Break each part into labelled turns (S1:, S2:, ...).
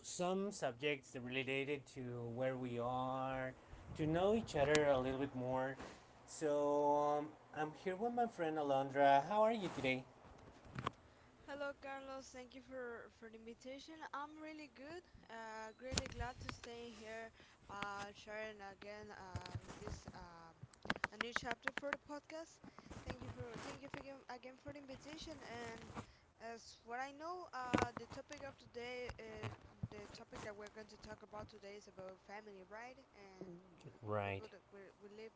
S1: some subjects that related to where we are, to know each other a little bit more. So I'm here with my friend Alondra. How are you today?
S2: Hello, Carlos. Thank you for the invitation. I'm really good. Really glad to stay here, sharing again this a new chapter for the podcast. Thank you for again, for the invitation. And as what I know, the topic of today, the topic that we're going to talk about today is about family, right? And people
S1: Right,
S2: that we live.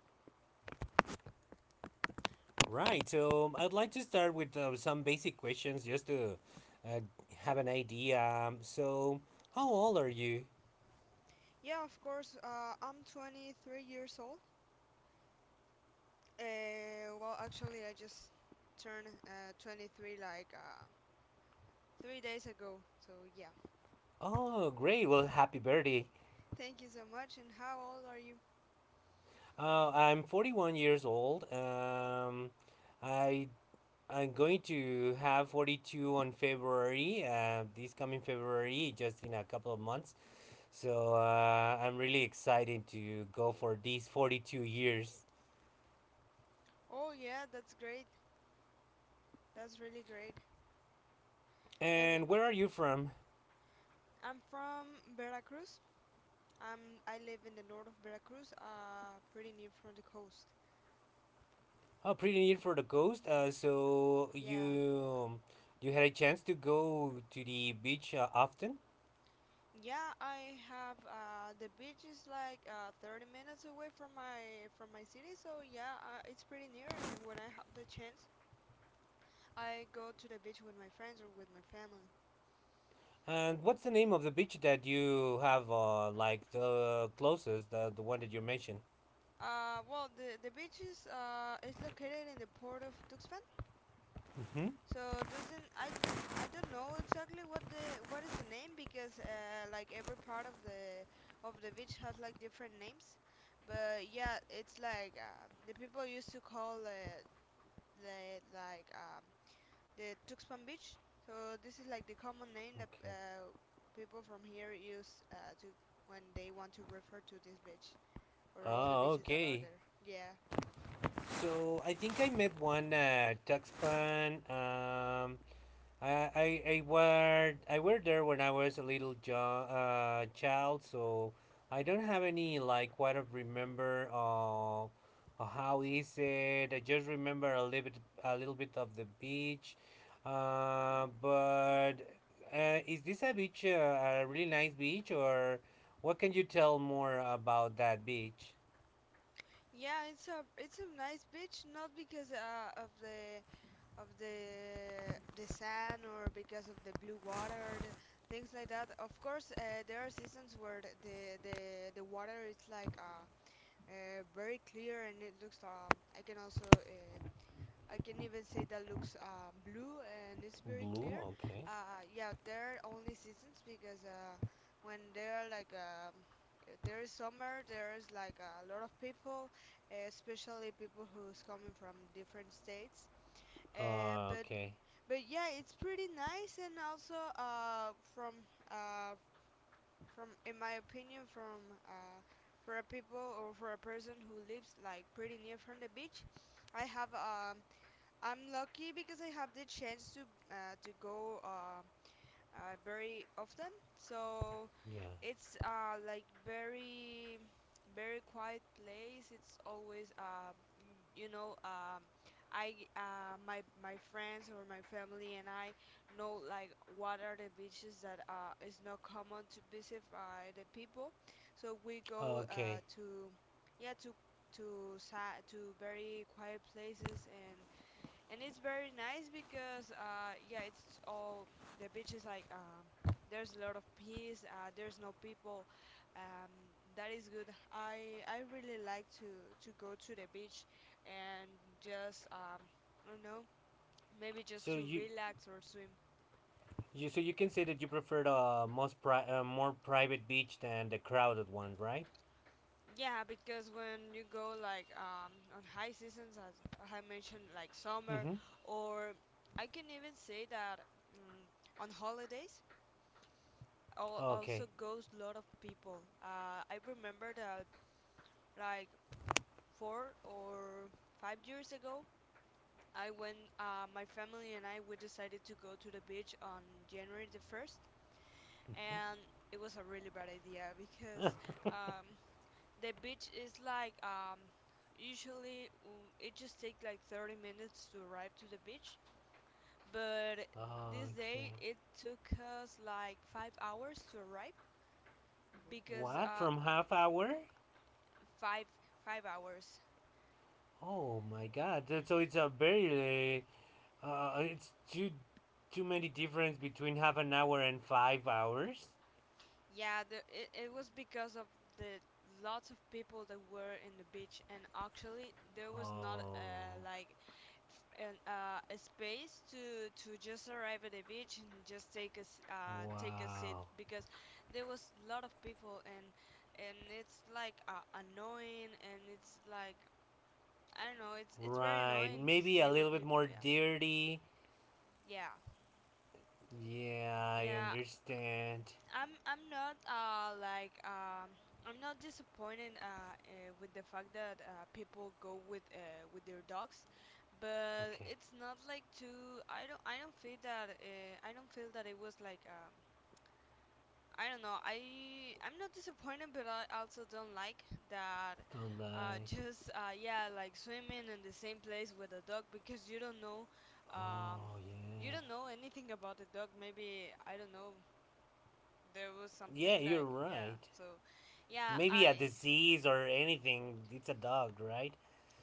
S1: right. So I'd like to start with some basic questions just to uh, have an idea. So, how old are you?
S2: Yeah, of course. I'm 23 years old. Well, actually, I just turned 23 like 3 days ago. So, yeah.
S1: Oh, great. Well, happy birthday.
S2: Thank you so much. And how old are you?
S1: I'm 41 years old. I I'm going to have 42 on February. This coming February, just in a couple of months. So I'm really excited to go for these 42 years.
S2: Oh, yeah, that's great. That's really great. And
S1: And where are you from?
S2: I'm from Veracruz. I live in the north of Veracruz, pretty near from the coast.
S1: Oh, pretty near for the coast. So
S2: Yeah.
S1: you had a chance to go to the beach often.
S2: Yeah, I have the beach is like 30 minutes away from my city, so yeah, it's pretty near. And when I have the chance, I go to the beach with my friends or with my family.
S1: And what's the name of the beach that you have, like the closest, the one that you mentioned?
S2: Well, the beach is located in the port of Tuxpan.
S1: Mm-hmm.
S2: So doesn't I don't know exactly what is the name, because like every part of the beach has like different names. But yeah, it's like the people used to call, the like um the Tuxpan Beach. So this is like the common name that
S1: Okay.
S2: people from here use, to when they want to refer to this beach, or all the
S1: Oh,
S2: beaches that are
S1: okay.
S2: there. Yeah.
S1: So I think I met one Tuxpan. I were there when I was a child, so I don't have any like what I remember of how is it. I just remember a little bit of the beach, but is this a beach a really nice beach or what can you tell more about that beach?
S2: Yeah, it's a nice beach, not because of the sand, or because of the blue water, things like that. Of course, there are seasons where the water is like very clear, and it looks, I can also, I can even say that, looks blue, and it's very
S1: Blue,
S2: clear.
S1: okay.
S2: Yeah, there are only seasons because, when there are like, there is summer, there is like a lot of people, especially people who's coming from different states. Uh, but
S1: Okay.
S2: but yeah, it's pretty nice, and also, uh, from, in my opinion, from for a people or for a person who lives like pretty near from the beach. I have um I'm lucky because I have the chance to go, very often. So
S1: Yeah.
S2: it's, like, very very quiet place. It's always, I, my friends or my family and I know like what are the beaches that is not common to visit by the people. So we go,
S1: Okay.
S2: to yeah, to very quiet places. And it's very nice because, yeah, it's all the beach is like, there's a lot of peace, there's no people, um that is good. I really like to go to the beach, and just, I don't know, maybe just
S1: So
S2: to
S1: you
S2: relax or swim.
S1: you so you can say that you prefer the more private beach than the crowded one, right?
S2: Yeah, because when you go, like, on high seasons, as I mentioned, like summer,
S1: Mm-hmm.
S2: or I can even say that, mm on holidays, also
S1: Okay.
S2: goes a lot of people. I remember that, like 4 or 5 years ago, I went. My family and I we decided to go to the beach on January the first,
S1: Mm-hmm.
S2: and it was a really bad idea, because, um, the beach is like, usually, it just takes like 30 minutes to arrive to the beach, but this day
S1: okay.
S2: it took us like 5 hours to arrive, because,
S1: What from half hour?
S2: five five hours.
S1: Oh my God! So it's a very it's too many difference between half an hour and 5 hours.
S2: Yeah, it was because of the lots of people that were in the beach, and actually there was not,
S1: Oh
S2: like, a space to just arrive at the beach and just take a seat,
S1: wow.
S2: because there was a lot of people. And it's like, annoying, and it's like, I don't know, it's very
S1: Right,
S2: annoying to
S1: maybe a
S2: stay with
S1: little bit
S2: people.
S1: more
S2: Yeah,
S1: dirty.
S2: yeah,
S1: Yeah, I
S2: yeah.
S1: understand.
S2: I'm I'm not uh like um I'm not disappointed, with the fact that, people go, with their dogs, but
S1: Okay,
S2: it's not like too. I don't feel that it was like, I don't know, I'm not disappointed, but I also don't like that.
S1: don't like.
S2: Just, yeah, like swimming in the same place with a dog, because um
S1: Oh,
S2: you
S1: yeah.
S2: don't know anything about the dog. Maybe, I don't know, there was
S1: Yeah,
S2: something
S1: you're
S2: like,
S1: right.
S2: yeah. So yeah,
S1: Maybe a
S2: I
S1: disease or anything. It's a dog, right?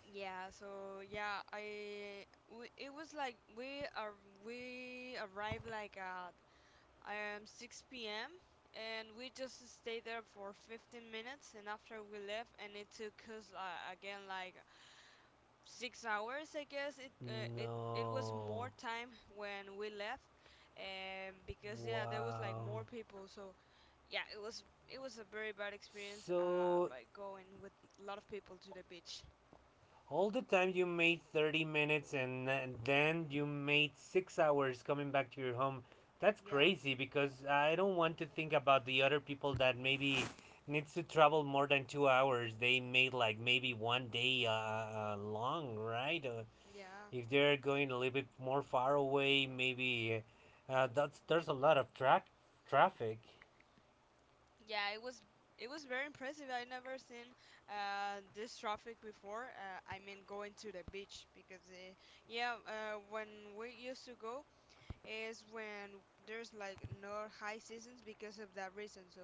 S2: yeah so yeah I we, it was like, we arrived like at, 6 p.m., and we just stayed there for 15 minutes, and after we left, and it took us, again, like 6 hours, I guess. It was more
S1: No.
S2: time when we left, because yeah there was like more
S1: Wow.
S2: people. So yeah, it was a very bad experience,
S1: So
S2: by going with a lot of people to the beach.
S1: All the time you made 30 minutes and then you made 6 hours coming back to your home. That's
S2: Yeah,
S1: crazy because I don't want to think about the other people that maybe needs to travel more than 2 hours. They made like maybe 1 day long, right?
S2: yeah,
S1: If they're going a little bit more far away, maybe that's there's a lot of track traffic.
S2: yeah. It was very impressive. I never seen, this traffic before. I mean, going to the beach because, yeah, when we used to go is when there's like no high seasons, because of that reason. So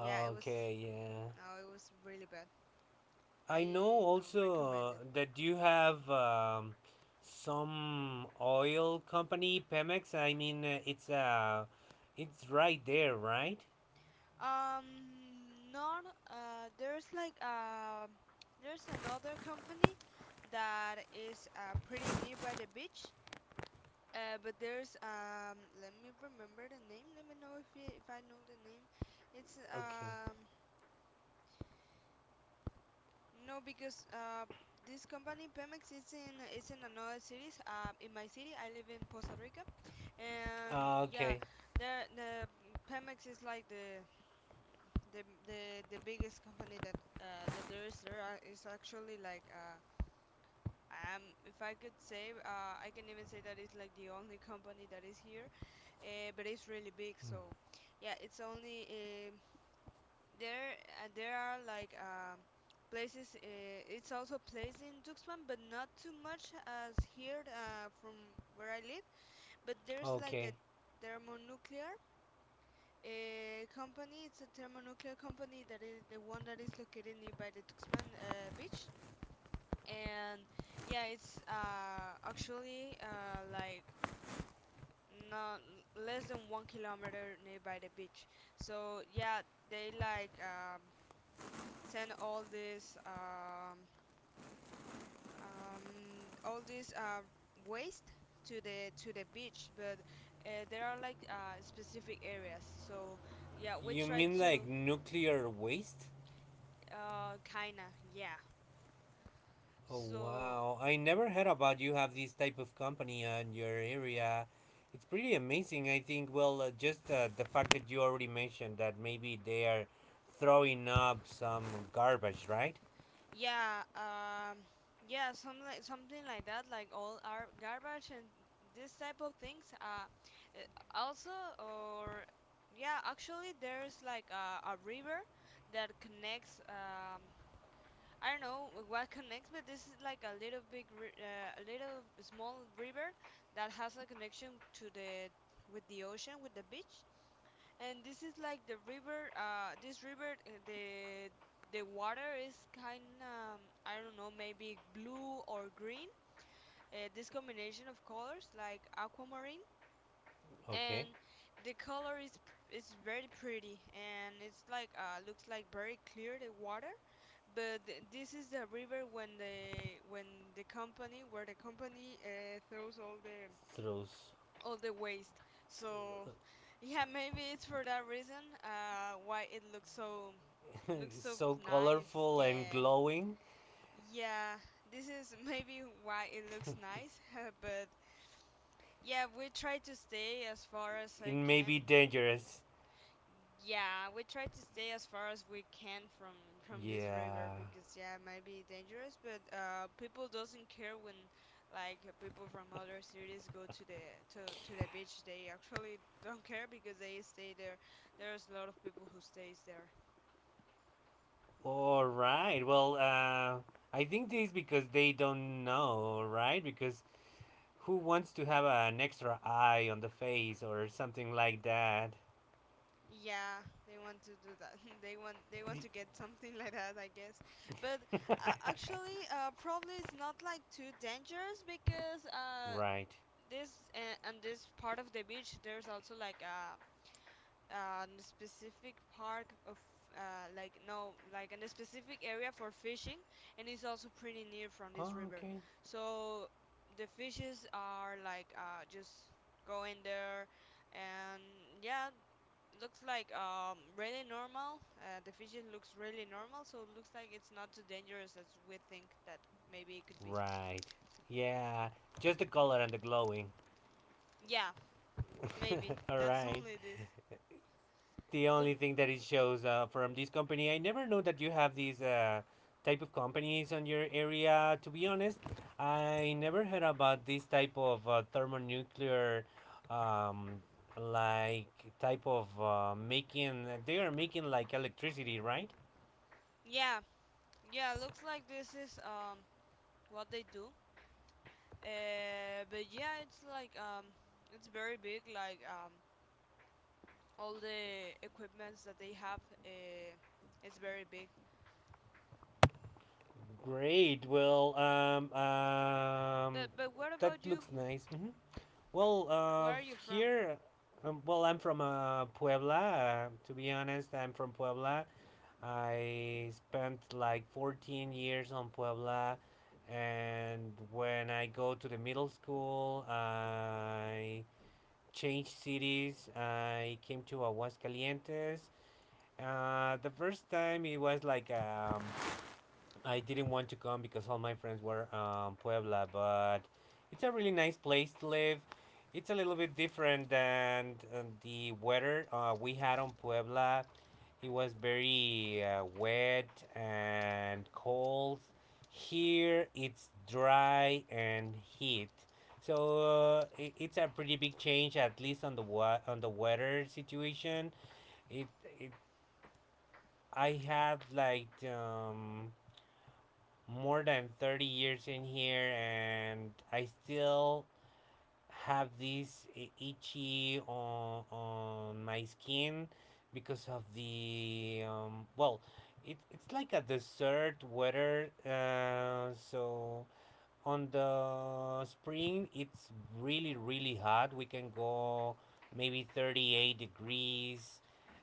S2: yeah, it was
S1: yeah.
S2: no, it was really bad.
S1: I know
S2: I no
S1: also
S2: recommend it.
S1: that you have some oil company, Pemex. I mean, it's right there, right?
S2: Um, Not. There's another company that is, pretty near by the beach. But, there's let me remember the name. Let me know if if I know the name. It's,
S1: Okay.
S2: no, because this company, Pemex, is in another cities. In my city I live in Costa Rica, and
S1: Ah,
S2: yeah,
S1: okay.
S2: there the Pemex is like the the the biggest company that, there is there, is actually like, if I could say, I can even say that it's like the only company that is here, but it's really big. So yeah, it's only, there there are like, places, it's also a place in Tuxpan, but not too much as here, from where I live. But there's like the
S1: Okay.
S2: thermonuclear, company. It's a thermonuclear company that is the one that is located nearby the Tuxpan, beach. And yeah, it's, actually, like, not less than 1 kilometer nearby the beach. So yeah, they like, send all this, um, all this uh, waste to the beach, but, there are like, specific areas. So yeah, we
S1: You
S2: try
S1: mean like
S2: to.
S1: nuclear waste?
S2: Kinda, yeah.
S1: Oh
S2: So,
S1: wow! I never heard about you have this type of company in your area. It's pretty amazing. I think. Well, just the fact that you already mentioned that maybe they are throwing up some garbage, right?
S2: yeah, yeah, something like that, like all our garbage and this type of things. Uh, Also, or yeah, actually, there's like a river that connects. I don't know what connects, but this is like, a little small river that has a connection to the with the ocean, with the beach. And this is like the river. This river, the water is kind of, I don't know, maybe blue or green. This combination of colors, like aquamarine,
S1: Okay.
S2: and the color is very pretty, and it's like, looks like very clear, the water. But this is the river when the company where the company, throws
S1: Throws.
S2: all the waste. So yeah, maybe it's for that reason, why it looks so
S1: So
S2: nice.
S1: colorful and
S2: Yeah,
S1: glowing,
S2: yeah. This is maybe why it looks nice, but yeah, we try to stay as far as
S1: it
S2: I
S1: may be
S2: can.
S1: dangerous.
S2: Yeah, we try to stay as far as we can from this river,
S1: Yeah.
S2: because yeah, it might be dangerous. But, people doesn't care when, like, people from other cities go to the beach. They actually don't care, because they stay there. There's a lot of people who stays there.
S1: All right. Well, I think this is because they don't know, right? Because who wants to have an extra eye on the face or something like that?
S2: Yeah, they want to do that. They want to get something like that, I guess. But, actually, probably it's not like too dangerous, because,
S1: right.
S2: this and this part of the beach, there's also like a specific park of, like, no, like a specific area for fishing, and it's also pretty near from this
S1: Oh,
S2: river,
S1: okay.
S2: so the fishes are like, just go in there, and yeah, looks like, really normal, the fishes looks really normal, so it looks like it's not too dangerous as we think that maybe it could be.
S1: Right. Yeah. Just the color and the glowing.
S2: Yeah, maybe
S1: All
S2: that's
S1: right.
S2: only this.
S1: The
S2: But
S1: only thing that it shows from this company. I never know that you have these type of companies on your area. To be honest, I never heard about this type of thermonuclear, um, like type of making. They are making like electricity, right?
S2: yeah. Yeah, looks like this is, what they do. But yeah, it's like, it's very big. Like, all the equipments that they have. It's very big.
S1: Great. Well,
S2: But what
S1: that
S2: about you?
S1: looks nice. Hmm. Well,
S2: Where are you from?
S1: here. Well, I'm from Puebla. To be honest, I'm from Puebla, I spent like 14 years on Puebla, and when I go to the middle school, I changed cities. I came to Aguascalientes. The first time it was like I didn't want to come because all my friends were Puebla, but it's a really nice place to live. It's a little bit different than the weather we had on Puebla. It was very wet and cold. Here it's dry and heat. So it's a pretty big change, at least on the on the weather situation. It, it I had like more than 30 years in here and I still have this itchy on my skin because of the well it's like a desert weather so on the spring it's really hot. We can go maybe 38 degrees,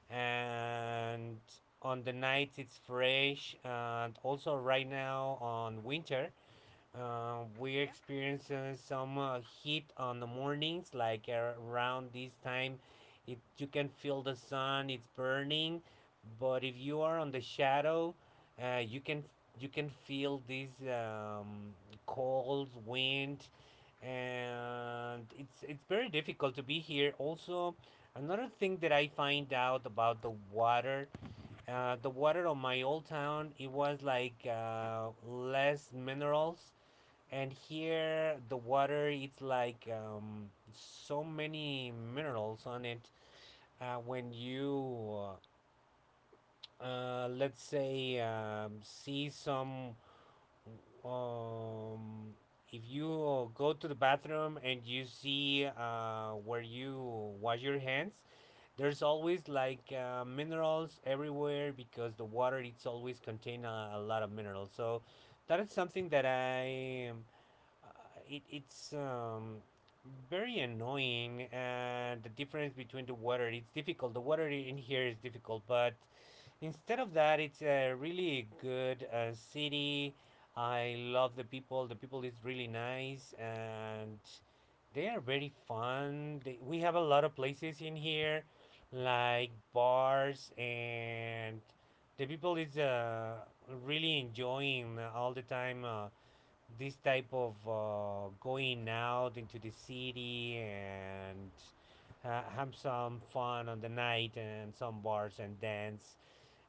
S1: and on the nights it's fresh. And also right now on winter we're
S2: Yeah.
S1: experiencing some heat on the mornings, like around this time. It you can feel the sun; it's burning. But if you are on the shadow, uh, you can you can feel this cold wind, and it's very difficult to be here. Also, another thing that I find out about the water of my old town, it was like less minerals, and here the water it's like so many minerals on it. When you let's say see some um, if you go to the bathroom and you see where you wash your hands, there's always like minerals everywhere because the water it's always contain a lot of minerals. So that is something that I uh, it's very annoying, and the difference between the water it's difficult. The water in here is difficult, but instead of that it's a really good city. I love the people. The people is really nice and they are very fun. They, we have a lot of places in here like bars, and the people is really enjoying all the time this type of going out into the city and have some fun on the night and some bars and dance.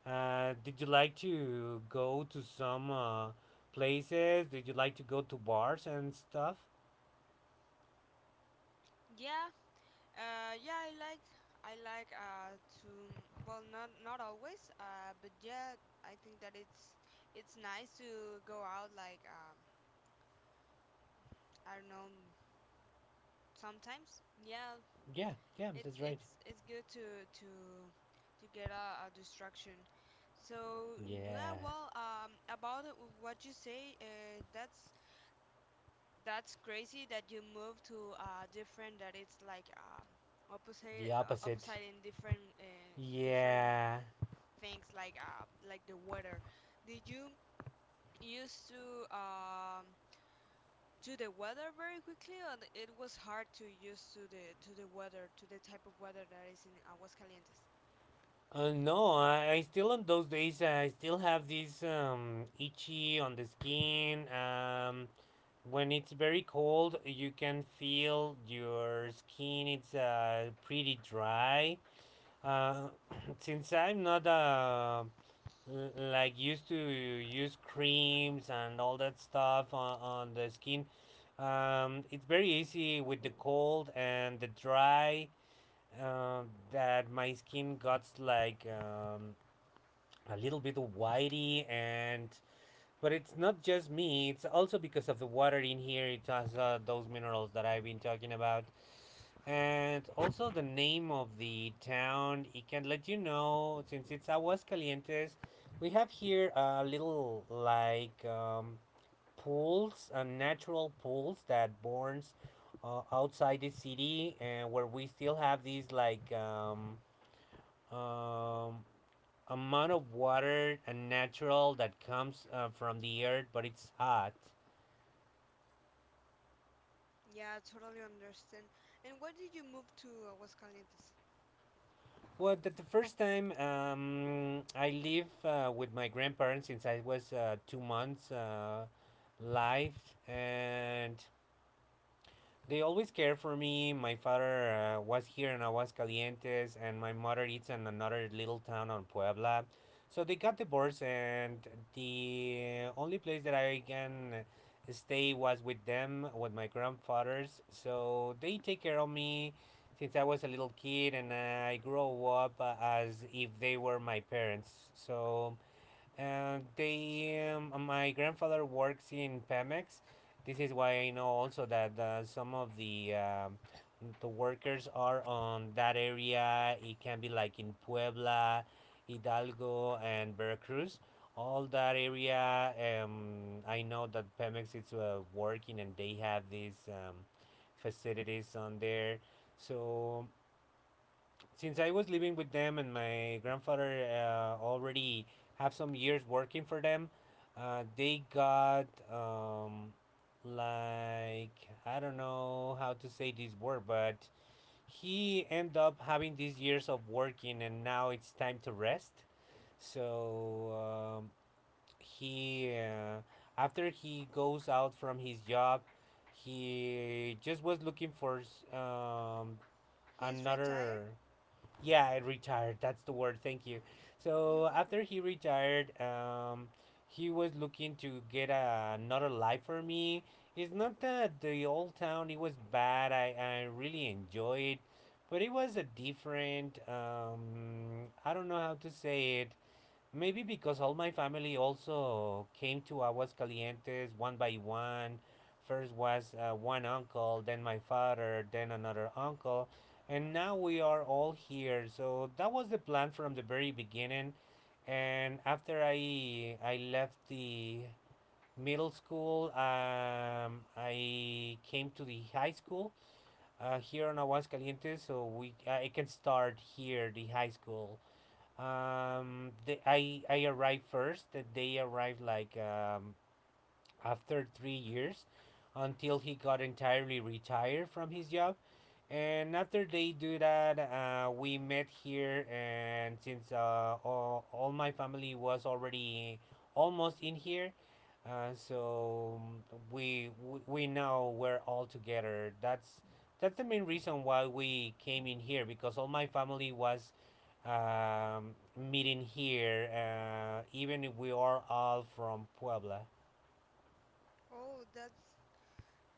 S1: Did you like to go to some places? Did you like to go to bars and stuff?
S2: Yeah. Yeah, I like I like to, well, not always. But yeah, I think that it's nice to go out, like, I don't know, sometimes. Yeah,
S1: Yeah, yeah,
S2: it's
S1: that's right.
S2: it's it's good to get a distraction. So yeah,
S1: Yeah,
S2: well, about what you say, that's crazy that you move to, different, that it's like,
S1: the
S2: opposite, uh,
S1: opposite.
S2: opposite in different, different
S1: Yeah.
S2: things, like, like the weather. Did you used to, to the weather very quickly, or it was hard to use to the weather, to the type of weather that is in Aguascalientes?
S1: No, I still on those days. I still have this itchy on the skin. When it's very cold, you can feel your skin. It's pretty dry. Uh, since I'm not like used to use creams and all that stuff on the skin, it's very easy with the cold and the dry that my skin got like a little bit whitey. And but it's not just me, it's also because of the water in here. It has those minerals that I've been talking about. And also the name of the town. It can let you know, since it's Aguascalientes, we have here a little like pools, natural pools that burns, outside the city, and where we still have these like um, amount of water and natural that comes from the earth, but it's hot.
S2: Yeah, totally understand. And why did you move to Aguascalientes?
S1: Well, the first time I live with my grandparents since I was 2 months live, and they always care for me. My father was here in Aguascalientes, and my mother is in another little town on Puebla. So they got divorced, and the only place that I can stay was with them, with my grandfathers. So they take care of me since I was a little kid, and I grow up as if they were my parents. So they, my grandfather works in Pemex. This is why I know also that some of the workers are on that area. It can be like in Puebla, Hidalgo, and Veracruz. All that area, I know that Pemex is working and they have these facilities on there. So since I was living with them and my grandfather already have some years working for them, they got like I don't know how to say this word, but he end up having these years of working and now it's time to rest. So he after he goes out from his job, he just was looking for
S2: He's retired?
S1: another yeah, I retired. That's the word. Thank you.
S2: You're
S1: So
S2: welcome.
S1: after he retired, he was looking to get another life for me. It's not that the old town it was bad. I really enjoyed, but it was a different. I don't know how to say it. Maybe because all my family also came to Aguascalientes one by one. First was one uncle, then my father, then another uncle, and now we are all here. So that was the plan from the very beginning. And after I left the middle school, I came to the high school here in Aguascalientes. So we I can start here the high school I arrived first. That They arrived like after 3 years, until he got entirely retired from his job. And after they do that, we met here. And since all my family was already almost in here, uh, so um, we're all together. That's the main reason why we came in here, because all my family was meeting here, even if we are all from Puebla.
S2: Oh, that's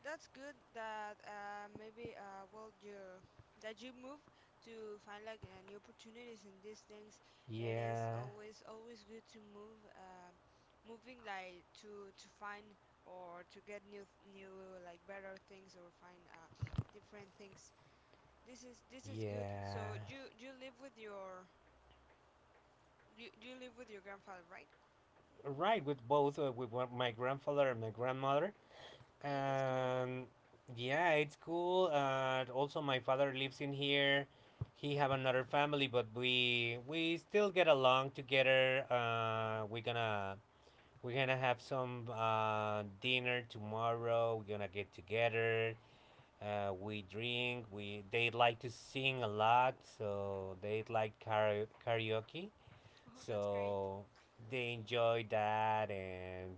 S2: good that, maybe, well, you that you move to find like, new opportunities in these things. It is
S1: Yeah,
S2: always good to move, moving, like, to find or to get new, like, better things or find, different things. This is good.
S1: yeah.
S2: So do you live with your— you live with your grandfather, right?
S1: Right, with both my grandfather and my grandmother.
S2: Oh, that's cool.
S1: And yeah, it's cool. Also, my father lives in here. He have another family, but we still get along together. We're gonna have some dinner tomorrow. We're gonna get together. We drink. We they like to sing a lot, so they like karaoke.
S2: Oh, that's great.
S1: So they enjoy that, and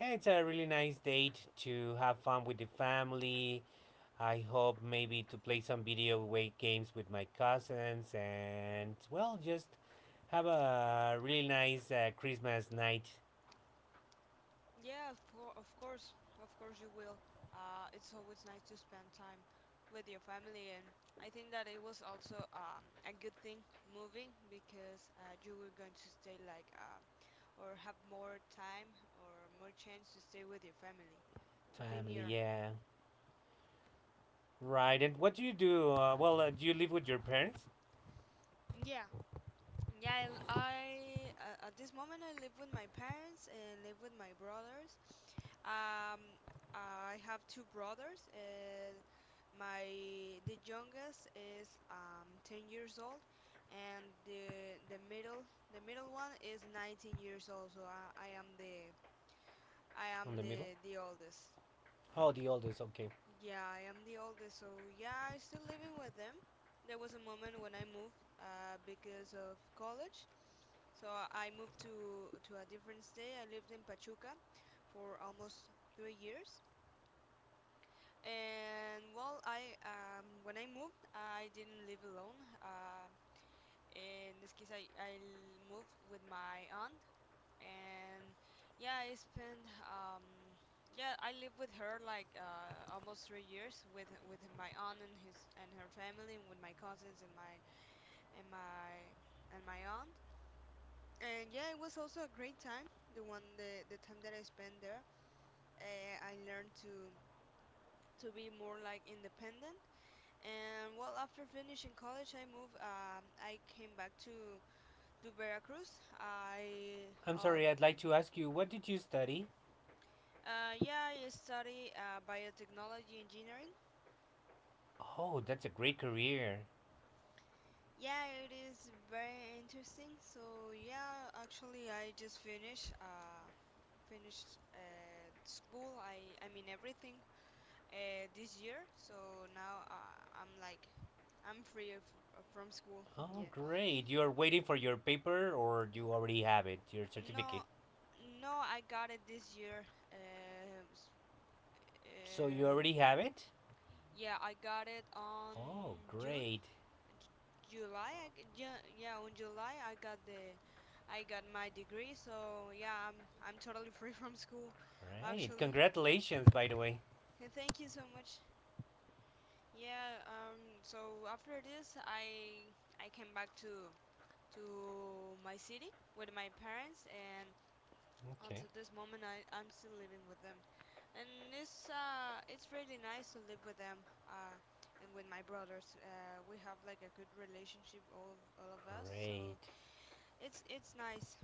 S1: yeah, it's a really nice date to have fun with the family. I hope maybe to play some video way games with my cousins, and well, just have a really nice Christmas night,
S2: Yeah, of course you will. It's always nice to spend time with your family, and I think that it was also, a good thing moving because, you were going to stay, like, or have more time or more chance to stay with your family, to be
S1: family.
S2: near.
S1: Yeah, right. And what do you do? Do you live with your parents
S2: Yeah, yeah, at this moment I live with my parents and live with my brothers. Um, I have two brothers. My— the youngest is 10 years old, and the middle one is 19 years old. So I am the— I am
S1: on the middle?
S2: the oldest.
S1: Oh, the oldest, okay.
S2: Yeah, I am the oldest. So yeah, I still living with them. There was a moment when I moved, because of college. So I moved to a different state. I lived in Pachuca for almost 3 years. And well, I, when I moved, I didn't live alone. In this case, I moved with my aunt, and yeah, I spent yeah, I lived with her like, almost 3 years with my aunt and his and her family, and with my cousins and and my my aunt. And yeah, it was also a great time. The one the time that I spent there, I learned to be more, like, independent. And well, after finishing college, I moved. I came back to Veracruz. I
S1: I'm sorry, I'd like to ask you, what did you study?
S2: yeah, I study, biotechnology engineering.
S1: Oh, that's a great career.
S2: Yeah, it is very interesting. So yeah, actually, I just finished, finished, school. I mean everything, this year. So now, I'm like, I'm free of from school.
S1: Oh,
S2: Yeah.
S1: great. You are waiting for your paper, or you already have it, your
S2: No,
S1: certificate?
S2: no, I got it this year. Um, s-
S1: So you
S2: um,
S1: already have it?
S2: yeah, I got it on
S1: Oh,
S2: June,
S1: great.
S2: July. Yeah, on July I got the— I got my degree. So yeah, I'm totally free from school,
S1: Great.
S2: actually. Yeah.
S1: Congratulations, by the way.
S2: And thank you so much. Yeah. So after this, I came back to my city with my parents, and
S1: Okay.
S2: until this moment, I'm still living with them. And it's, it's really nice to live with them. And with my brothers, we have, like, a good relationship, all of us. So
S1: Great.
S2: it's nice.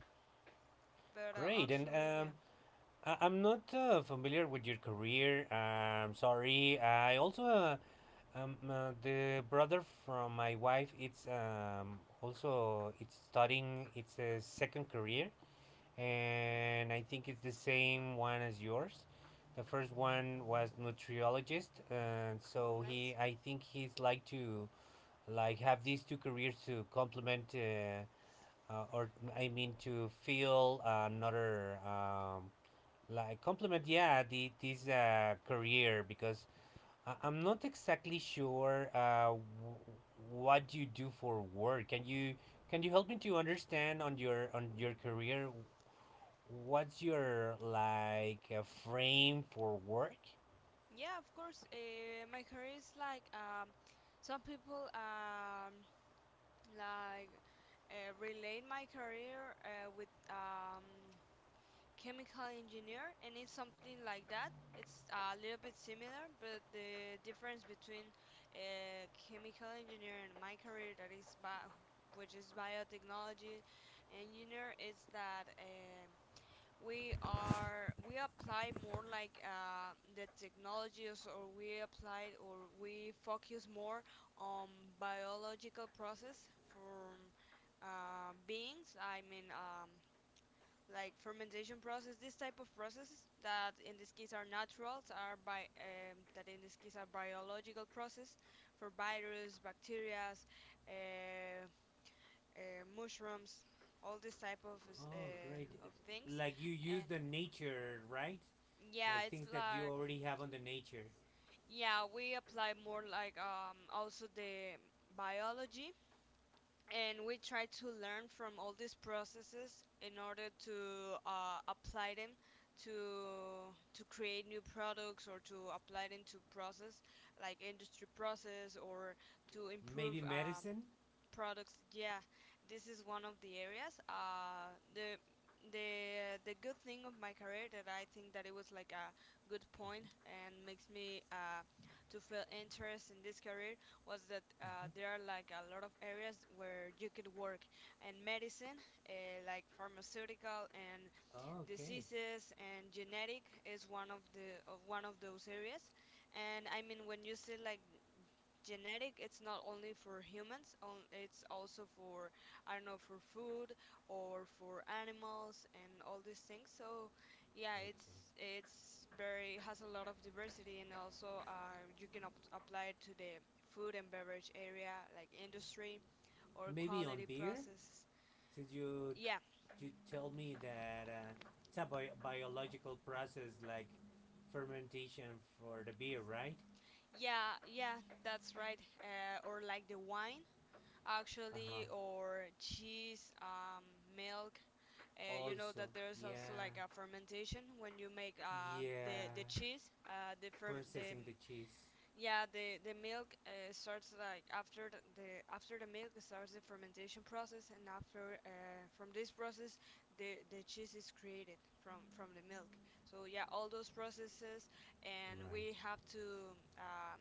S2: But,
S1: Great. And
S2: actually, yeah,
S1: I'm not familiar with your career. I'm sorry. I also the brother from my wife, it's also it's studying. It's a second career, and I think it's the same one as yours. The first one was nutriologist, and
S2: oh,
S1: so
S2: nice.
S1: he, I think he's like to like have these two careers to complement, or I mean to fill another like complement. Yeah, the this career, because I'm not exactly sure what you do for work. Can you help me to understand on your career? What's your like frame for work?
S2: Yeah, of course. My career is like, some people, like relate my career, with, chemical engineer, and it's something like that. It's a little bit similar, but the difference between, chemical engineer and my career, that is bio, which is biotechnology engineer, is that, we apply more, like, the technologies, or we apply, or we focus more on biological process from, beings, I mean, like fermentation process, this type of processes that in this case are naturals, are by, that in this case are biological process, for virus, bacteria, uh, mushrooms, all this type of,
S1: Oh, great!
S2: of things.
S1: Like you use
S2: And
S1: the nature, right?
S2: yeah,
S1: Like
S2: it's
S1: things that you
S2: like,
S1: already have on the nature.
S2: yeah, we apply more, like, also the biology, and we try to learn from all these processes in order to, apply them to create new products, or to apply them to process, like industry process, or to
S1: Maybe
S2: improve,
S1: medicine.
S2: products. Yeah, this is one of the areas. The the good thing of my career that I think that it was like a good point and makes me, to feel interest in this career, was that,
S1: Mhm.
S2: there are like a lot of areas where you could work, and medicine, like pharmaceutical, and
S1: Oh, okay.
S2: diseases and genetic is one of the of one of those areas. And I mean, when you see, like, genetic, it's not only for humans, on it's also for, I don't know, for food, or for animals and all these things. So yeah,
S1: Okay.
S2: it's very— has a lot of diversity. And also, you can apply it to the food and beverage area, like industry or
S1: Maybe on
S2: quality
S1: beer,
S2: process.
S1: since you
S2: Yeah,
S1: you told me that it's a biological process like fermentation for the beer, right?
S2: yeah, yeah, that's right. Uh, or like the wine,
S1: Uh huh.
S2: actually, or cheese, milk. You know that
S1: Also,
S2: there's also like
S1: yeah,
S2: a fermentation when you make, the
S1: yeah,
S2: cheese. The ferm the
S1: processing the cheese.
S2: yeah, the milk, starts like after the after the milk starts the fermentation process, and after, from this process, the cheese is created from the milk. So yeah, all those processes, and
S1: Right.
S2: we have to,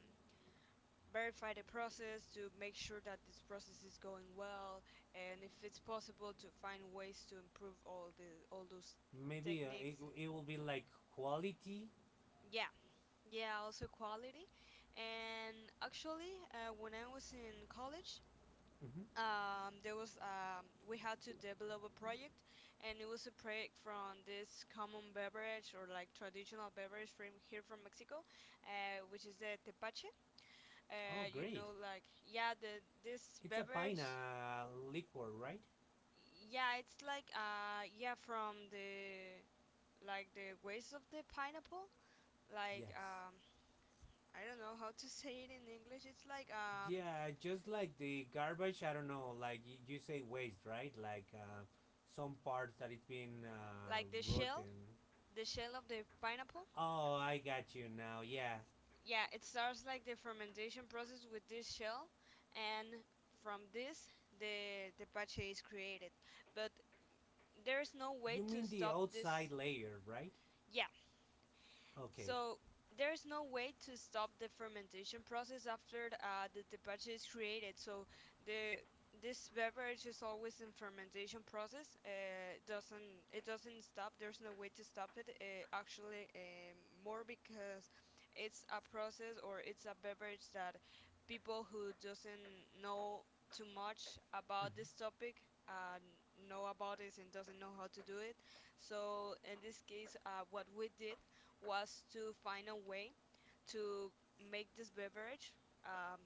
S2: verify the process to make sure that this process is going well, and if it's possible, to find ways to improve all those
S1: Maybe it,
S2: techniques.
S1: it will be like quality.
S2: Yeah, yeah, also quality. And actually, when I was in college,
S1: Mm-hmm.
S2: there was, we had to develop a project, and it was a project from this common beverage, or like traditional beverage, from here, from mexico, which is the tepache.
S1: Oh,
S2: Uh, you
S1: great.
S2: know, like, yeah, the this
S1: It's a pine
S2: beverage.
S1: liquor, right?
S2: Yeah, it's like, yeah, from the— like the waste of the pineapple. Like,
S1: Yes.
S2: I don't know how to say it in English. It's like,
S1: Yeah, just like the garbage, I don't know, like you say waste, right? Like some parts that it's been
S2: like
S1: rotten.
S2: the shell of the pineapple.
S1: Oh, I got you now. Yeah.
S2: Yeah, it starts like the fermentation process with this shell, and from this, the pache is created. But there is no
S1: You
S2: way to
S1: mean the
S2: stop
S1: outside
S2: this.
S1: layer, right?
S2: Yeah.
S1: Okay.
S2: So there's no way to stop the fermentation process after, the tepache is created. So the this beverage is always in fermentation process. Doesn't it doesn't stop. There's no way to stop it. Actually, more because it's a process, or it's a beverage that people who doesn't know too much about
S1: Mhm.
S2: this topic, uh, know about it, and doesn't know how to do it. So in this case, what we did was to find a way to make this beverage, um,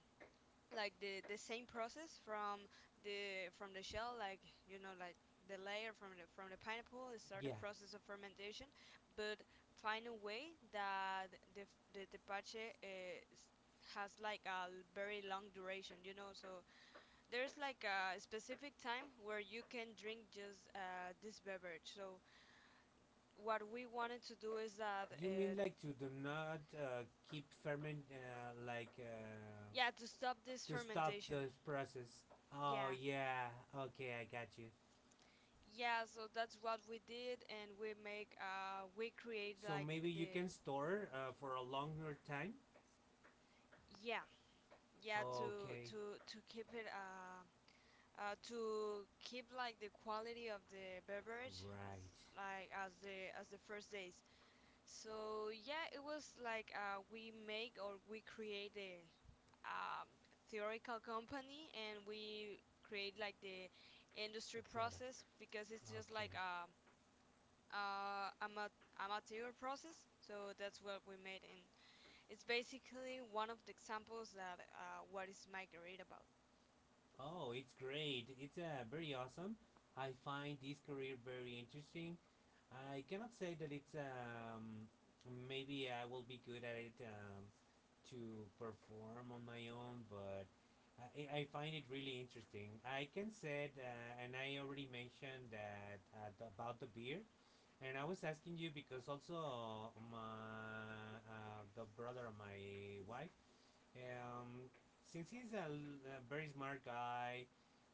S2: like the same process from the— from the shell. Like, you know, like the layer from the pineapple, it start the
S1: Yeah.
S2: process of fermentation, but find a way that the tepache is— has, like, a very long duration, you know. So there's, like, a specific time where you can drink just, this beverage. So what we wanted to do is that,
S1: You mean like to do not keep ferment,
S2: yeah, to stop this
S1: to stop
S2: fermentation.
S1: this process. Oh,
S2: Yeah,
S1: yeah. Okay, I got you.
S2: yeah. So that's what we did, and we create
S1: So
S2: like
S1: maybe you
S2: the—
S1: can store for a longer time?
S2: yeah, yeah, to
S1: Okay.
S2: to to keep it, to keep like the quality of the beverage,
S1: Right.
S2: like as the first days. So yeah, it was like, we make, or we create a, um theoretical company, and we create like the
S1: The
S2: industry
S1: product.
S2: process, because it's just
S1: Okay.
S2: like, amateur process. So that's what we made, and it's basically one of the examples that, what is my grade about.
S1: Oh, it's great. It's very awesome. I find this career very interesting. I cannot say that it's maybe I will be good at it to perform on my own, but I find it really interesting. I can say it, and I already mentioned that about the beer. And I was asking you because also my the brother of my wife, um, since he's a very smart guy,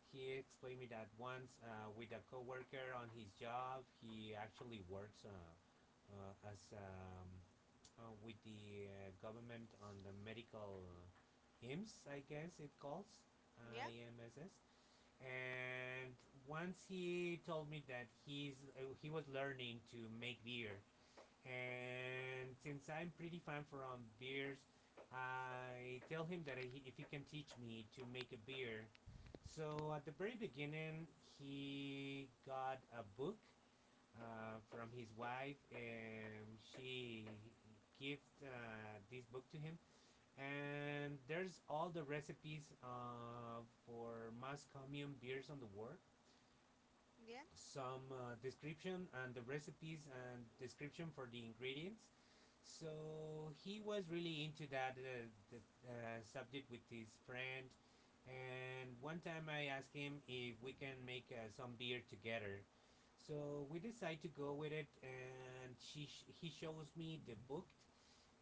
S1: he explained me that once with a coworker on his job. He actually works as with the government on the medical IMSS, I guess it calls.
S2: Yeah,
S1: IMSS. And once he told me that he was learning to make beer, and since I'm pretty fan from beers, I tell him that if he can teach me to make a beer. So at the very beginning, he got a book from his wife, and she gift this book to him, and there's all the recipes for mass commune beers on the world,
S2: yeah.
S1: some description and the recipes and description for the ingredients. So he was really into that subject with his friend. And one time I asked him if we can make some beer together. So we decide to go with it, and he shows me the book,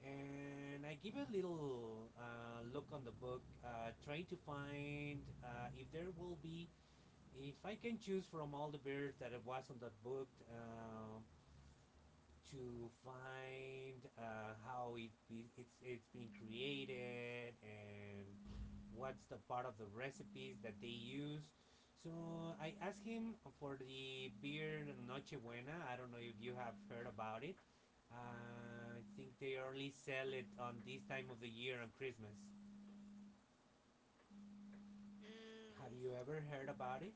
S1: and I give a little look on the book, trying to find if there will be, if I can choose from all the beers that I was on that book, to find it's being created, and what's the part of the recipes that they use. So I asked him for the beer Nochebuena. I don't know if you have heard about it. I think they only sell it on this time of the year, on Christmas. Have
S2: Mm,
S1: you ever heard about it?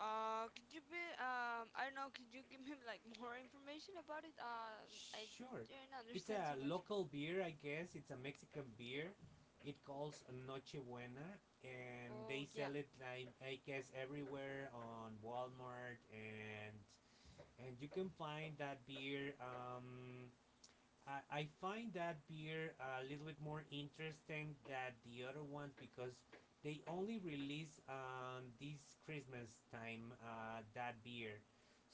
S2: could you be? I don't know, could you give me, like, more information about it? I
S1: Sure.
S2: didn't
S1: It's
S2: understand
S1: a
S2: too much.
S1: local beer, I guess. It's a Mexican beer. It calls Noche Buena, and they
S2: Oh yeah,
S1: sell it, like, I guess, everywhere on Walmart, and you can find that beer I find that beer a little bit more interesting than the other ones because they only release this Christmas time that beer.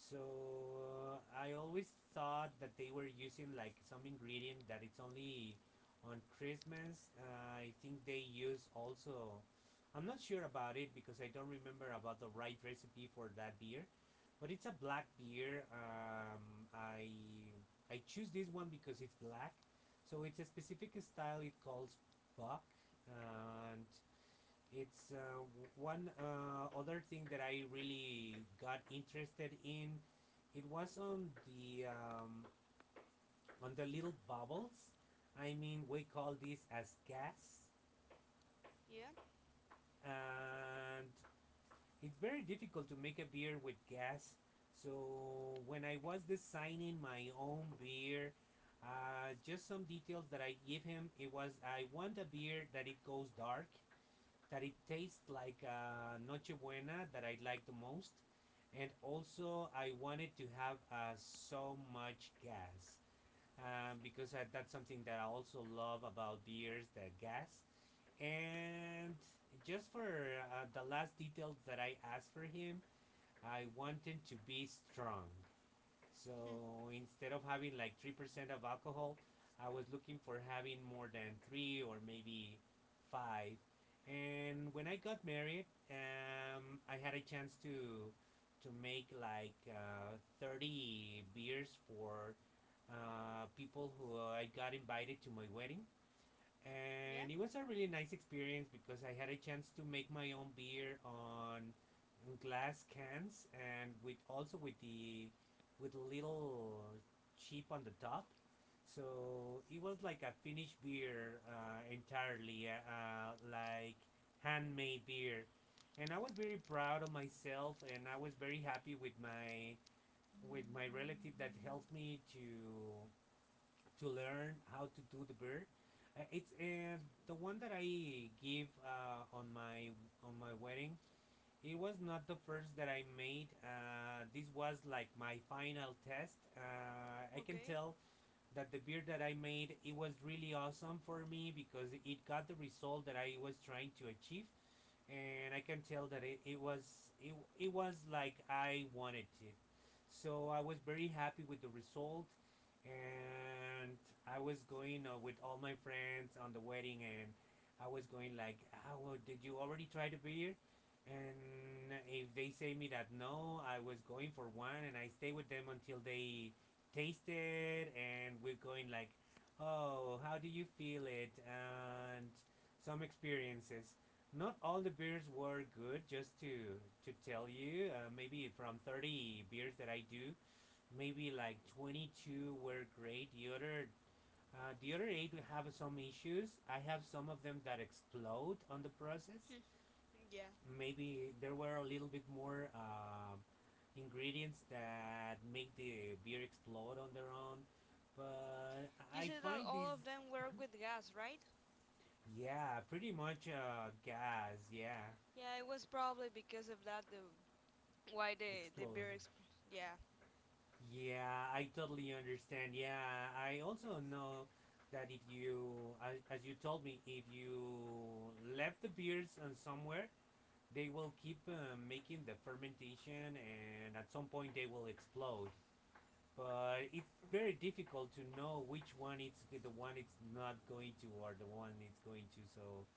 S1: So I always thought that they were using like some ingredient that it's only on Christmas. I think they use also. I'm not sure about it because I don't remember about the right recipe for that beer, but it's a black beer. I choose this one because it's black. So it's a specific style, it calls buck. And it's one other thing that I really got interested in. It was on the little bubbles. I mean, we call this as gas,
S2: yeah,
S1: and it's very difficult to make a beer with gas. So when I was designing my own beer, just some details that I give him. It was, I want a beer that it goes dark, that it tastes like nochebuena, that I like the most, and also I wanted to have so much gas, because that's something that I also love about beers, that gas. And just for the last details that I asked for him, I wanted to be strong.
S2: hmm,
S1: So instead of having like 3% of alcohol, I was looking for having more than 3, or maybe 5. And when I got married, I had a chance to make like 30 beers for people who I got invited to my wedding.
S2: yeah.
S1: And it was a really nice experience, because I had a chance to make my own beer on glass cans, and with also with the with little chip on the top. So it was like a finished beer entirely, like handmade beer. And I was very proud of myself, and I was very happy with my relative that helped me to learn how to do the bird. It's the one that I give on my wedding. It was not the first that I made. This was like my final test. I can
S2: Okay,
S1: tell that the beer that I made, it was really awesome for me, because it got the result that I was trying to achieve, and I can tell that it was, it was like I wanted it. So I was very happy with the result, and I was going with all my friends on the wedding, and I was going like, "Oh, well, did you already try the beer?" And if they say me that no, I was going for one, and I stay with them until they tasted, and we're going like, "Oh, how do you feel it?" And some experiences, not all the beers were good. Just to tell you, maybe from 30 beers that I do, maybe like 22 were great. The other eight have some issues. I have some of them that explode on the process.
S2: hmm, yeah.
S1: Maybe there were a little bit more ingredients that make the beer explode on their own. But
S2: You
S1: I
S2: said that
S1: find
S2: all
S1: these,
S2: of them work with gas, right?
S1: yeah, pretty much gas, yeah,
S2: Yeah, it was probably because of that, the— why the beer
S1: explode.
S2: Yeah,
S1: Yeah, I totally understand. Yeah, I also know that if you, as you told me, if you left the beers on somewhere, they will keep making the fermentation, and at some point they will explode. But it's very difficult to know which one it's the one it's not going to, or the one it's going to. So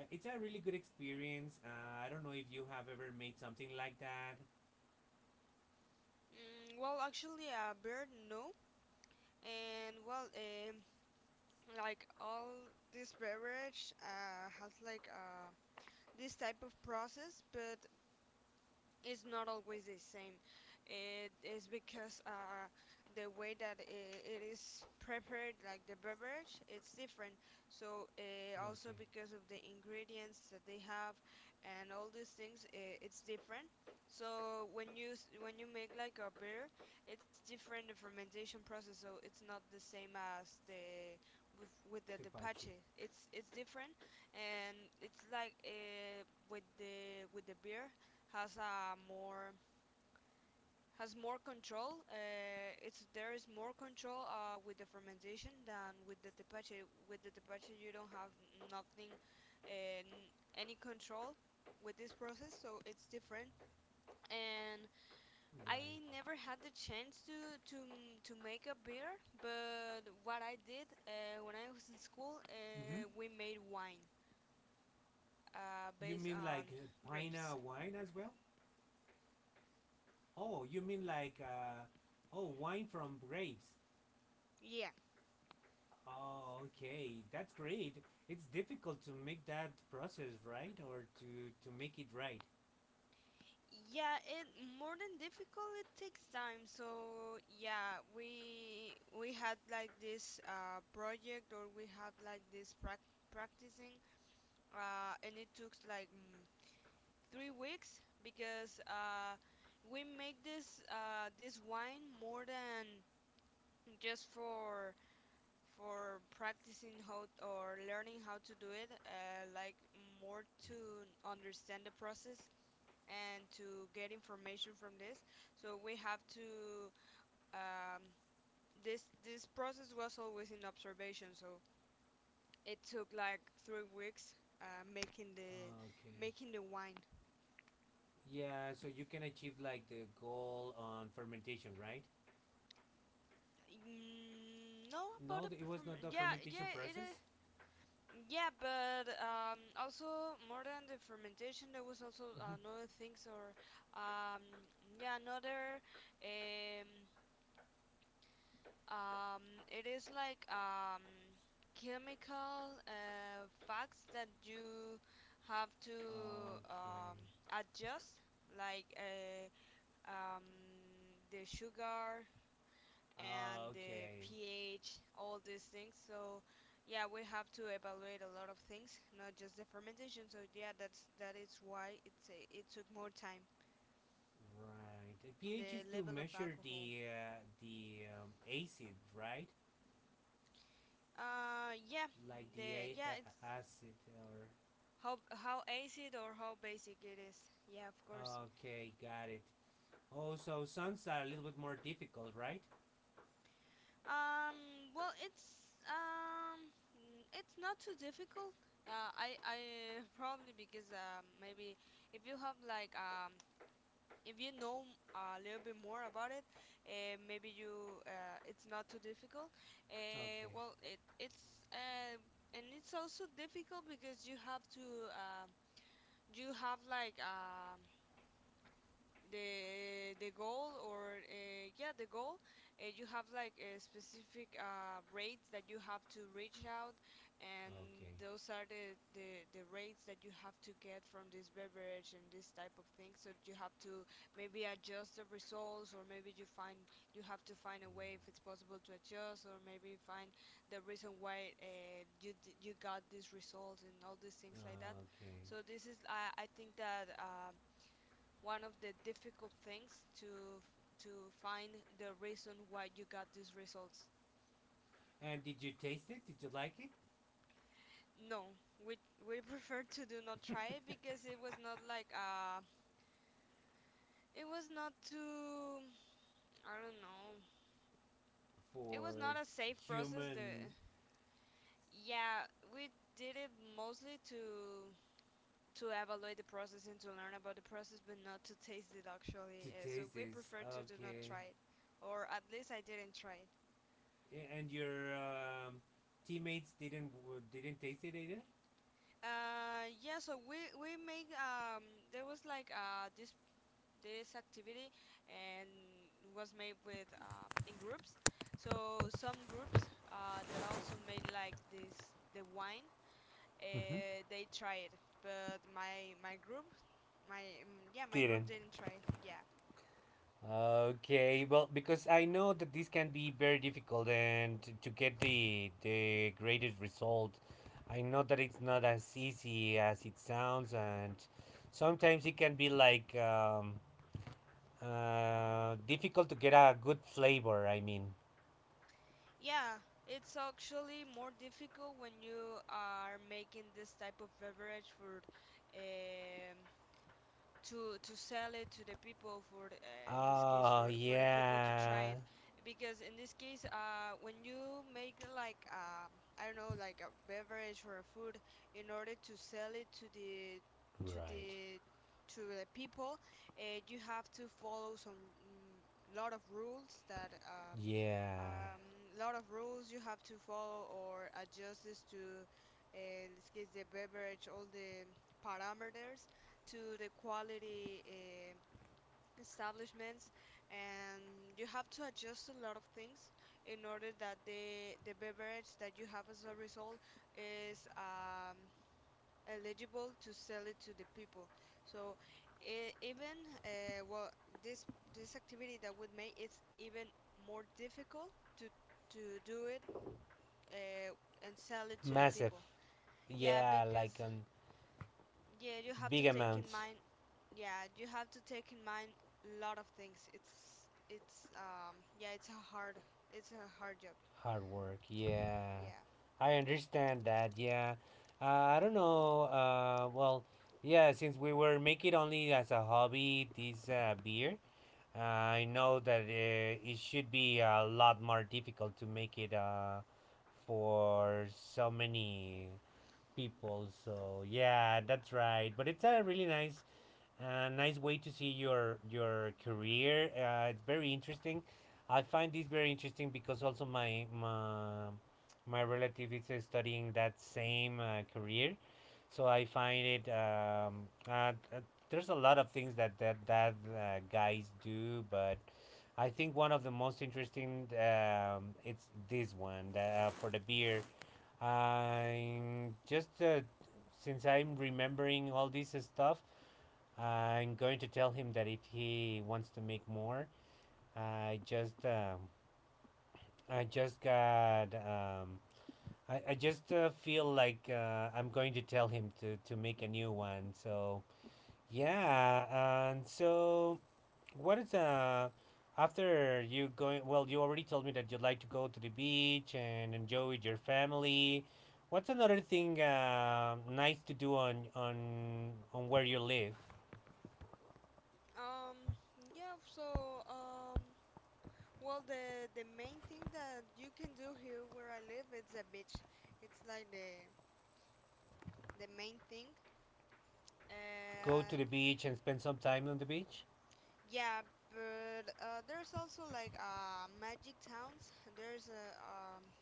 S1: it's a really good experience. I don't know if you have ever made something like that.
S2: mm, well, actually, a beer, no. And well, like all this beverage, has like, this type of process, but it's not always the same. It is because, the way that it is prepared, like the beverage, it's different. So, also
S1: Okay,
S2: because of the ingredients that they have and all these things, it's different. So when you when you make like a beer, it's different, the fermentation process. So it's not the same as the— with the
S1: tepache.
S2: tepache. It's different, and it's like with the beer has a more has more control. It's There is more control with the fermentation than with the tepache. With the tepache, you don't have nothing, uh, any control with this process, so it's different. And I
S1: Right.
S2: never had the chance to to to make a beer, but what I did when I was in school,
S1: Mm-hmm.
S2: we made wine
S1: You
S2: based
S1: mean
S2: on
S1: like
S2: grapes.
S1: pina wine as well? Oh, you mean like oh wine from grapes?
S2: Yeah,
S1: Oh, okay, that's great. It's difficult to make that process right, or to make it right.
S2: yeah, it more than difficult. It takes time. So yeah, we had like this project, or we have like this practicing, and it took like 3 weeks because we make this this wine more than just for practicing how or learning how to do it. Like more to understand the process and to get information from this. So we have to um, this process was always in observation. So it took like 3 weeks uh, making the
S1: Okay.
S2: making the wine.
S1: Yeah, so you can achieve like the goal on fermentation, right?
S2: No, about
S1: No,
S2: it
S1: it
S2: from
S1: was not the
S2: yeah yeah
S1: fermentation
S2: it is
S1: process.
S2: yeah, but also more than the fermentation, there was also
S1: Mm-hmm.
S2: another things or um, yeah another um, Um, it is like chemical facts that you have to
S1: Okay.
S2: adjust, like um, the sugar and the
S1: Okay.
S2: pH, all these things. So yeah, we have to evaluate a lot of things, not just the fermentation. So yeah, that is why it's it took more time
S1: Right. The
S2: on
S1: pH
S2: the
S1: is to
S2: level of
S1: measure
S2: alcohol.
S1: the acid, right?
S2: Yeah,
S1: like the
S2: the
S1: a-
S2: yeah, it's
S1: Acid or
S2: how acid or how basic it is? Yeah, of course.
S1: okay, got it. Oh, so suns are a little bit more difficult, right?
S2: Well, it's it's not too difficult. I probably because maybe if you have like if you know a little bit more about it, maybe you it's not too difficult.
S1: Okay.
S2: Well, it it's and it's also difficult because you have to um you have like the goal or yeah the goal, you have like a specific rates that you have to reach out, and
S1: Okay.
S2: those are the rates that you have to get from this beverage and this type of thing, so you have to maybe adjust the results or maybe you find you have to find a way if it's possible to adjust or maybe find the reason why you you got these results and all these things like that.
S1: Mm. Okay,
S2: So this is I think that one of the difficult things to find the reason why you got these results.
S1: and did you taste it, did you like it
S2: No, we prefer to do not try it because it was not like it was not too I don't know. It was
S1: for
S2: not a safe process. The
S1: human
S2: yeah, we did it mostly to evaluate the process and to learn about the process, but not to taste it
S1: to
S2: actually. So
S1: taste
S2: we
S1: this?
S2: prefer to do not
S1: Okay,
S2: try it, or at least I didn't try it.
S1: and your teammates didn't taste it either.
S2: Yeah, so we make there was like this this activity and was made with in groups. So some groups that also made like this the wine
S1: Mm-hmm.
S2: they tried, but my group my yeah my group
S1: Didn't.
S2: didn't try it. Yeah,
S1: Okay, well, because I know that this can be very difficult and to get the greatest result, I know that it's not as easy as it sounds, and sometimes it can be like difficult to get a good flavor. I mean,
S2: yeah, it's actually more difficult when you are making this type of beverage for um to sell it to the people for in this case
S1: oh
S2: for the people to try
S1: yeah,
S2: it, because in this case when you make like I don't know like a beverage or a food in order to sell it to the to
S1: right,
S2: the to the people, you have to follow some lot of rules that
S1: yeah,
S2: um, lot of rules you have to follow or adjust this to, let's get the beverage, all the parameters to the quality establishments, and you have to adjust a lot of things in order that the beverage that you have as a result is eligible to sell it to the people. So even well, this this activity that would make it even more difficult to to do it, uh, and sell it to the
S1: massive,
S2: people. Yeah,
S1: yeah, like
S2: because
S1: on
S2: yeah, you have to
S1: big
S2: take in
S1: amounts.
S2: mind. Yeah, you have to take in mind a lot of things. It's yeah, it's a hard job.
S1: Hard work, yeah.
S2: Yeah.
S1: I understand that, yeah. Uh, I don't know, well, yeah, since we were making only as a hobby this beer, I know that it should be a lot more difficult to make it for so many people. So, yeah, that's right. But it's a really nice nice way to see your career. It's very interesting. I find this very interesting because also my relative is studying that same career, so I find it. There's a lot of things that that guys do, but I think one of the most interesting it's this one that, for the beer. I'm just since I'm remembering all this stuff. I'm going to tell him that if he wants to make more, I just um, I just got um, I just feel like I'm going to tell him to make a new one. So yeah, and so what is after you going? Well, you already told me that you'd like to go to the beach and enjoy with your family. What's another thing nice to do on on where you live?
S2: Um yeah, so well, the main thing that you can do here where I live, it's a beach. It's like the main thing,
S1: Go to
S2: and
S1: the beach and spend some time on the beach?
S2: yeah, but there's also like magic towns. There's a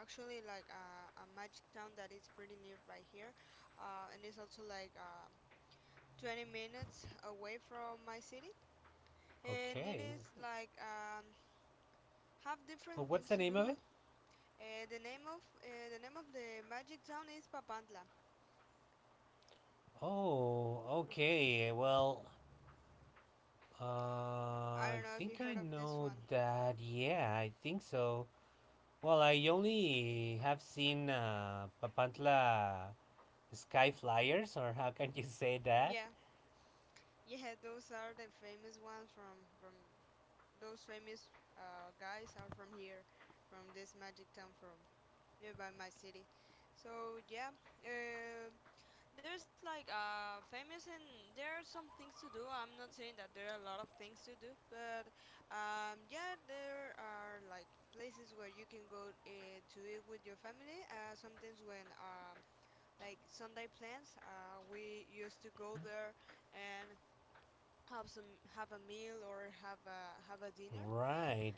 S2: actually like a magic town that is pretty near right here, and it's also like 20 minutes away from my city, and it
S1: Okay.
S2: is like have
S1: Well,
S2: different
S1: what's
S2: things
S1: the
S2: to
S1: name
S2: do.
S1: of it?
S2: The name of the magic town is Papantla.
S1: Oh, okay. Well,
S2: I
S1: I
S2: don't know if you
S1: think I
S2: heard of this
S1: know
S2: one.
S1: that. Yeah, I think so. Well, I only have seen Papantla sky flyers, or how can you say that?
S2: Yeah, yeah, those are the famous ones from those famous guys are from here, from this magic town from nearby my city. So yeah, um there's like famous and there are some things to do. I'm not saying that there are a lot of things to do, but yeah, there are like places where you can go to eat with your family. Sometimes when like Sunday plans. We used to go there and have some have a meal or have a dinner.
S1: Right.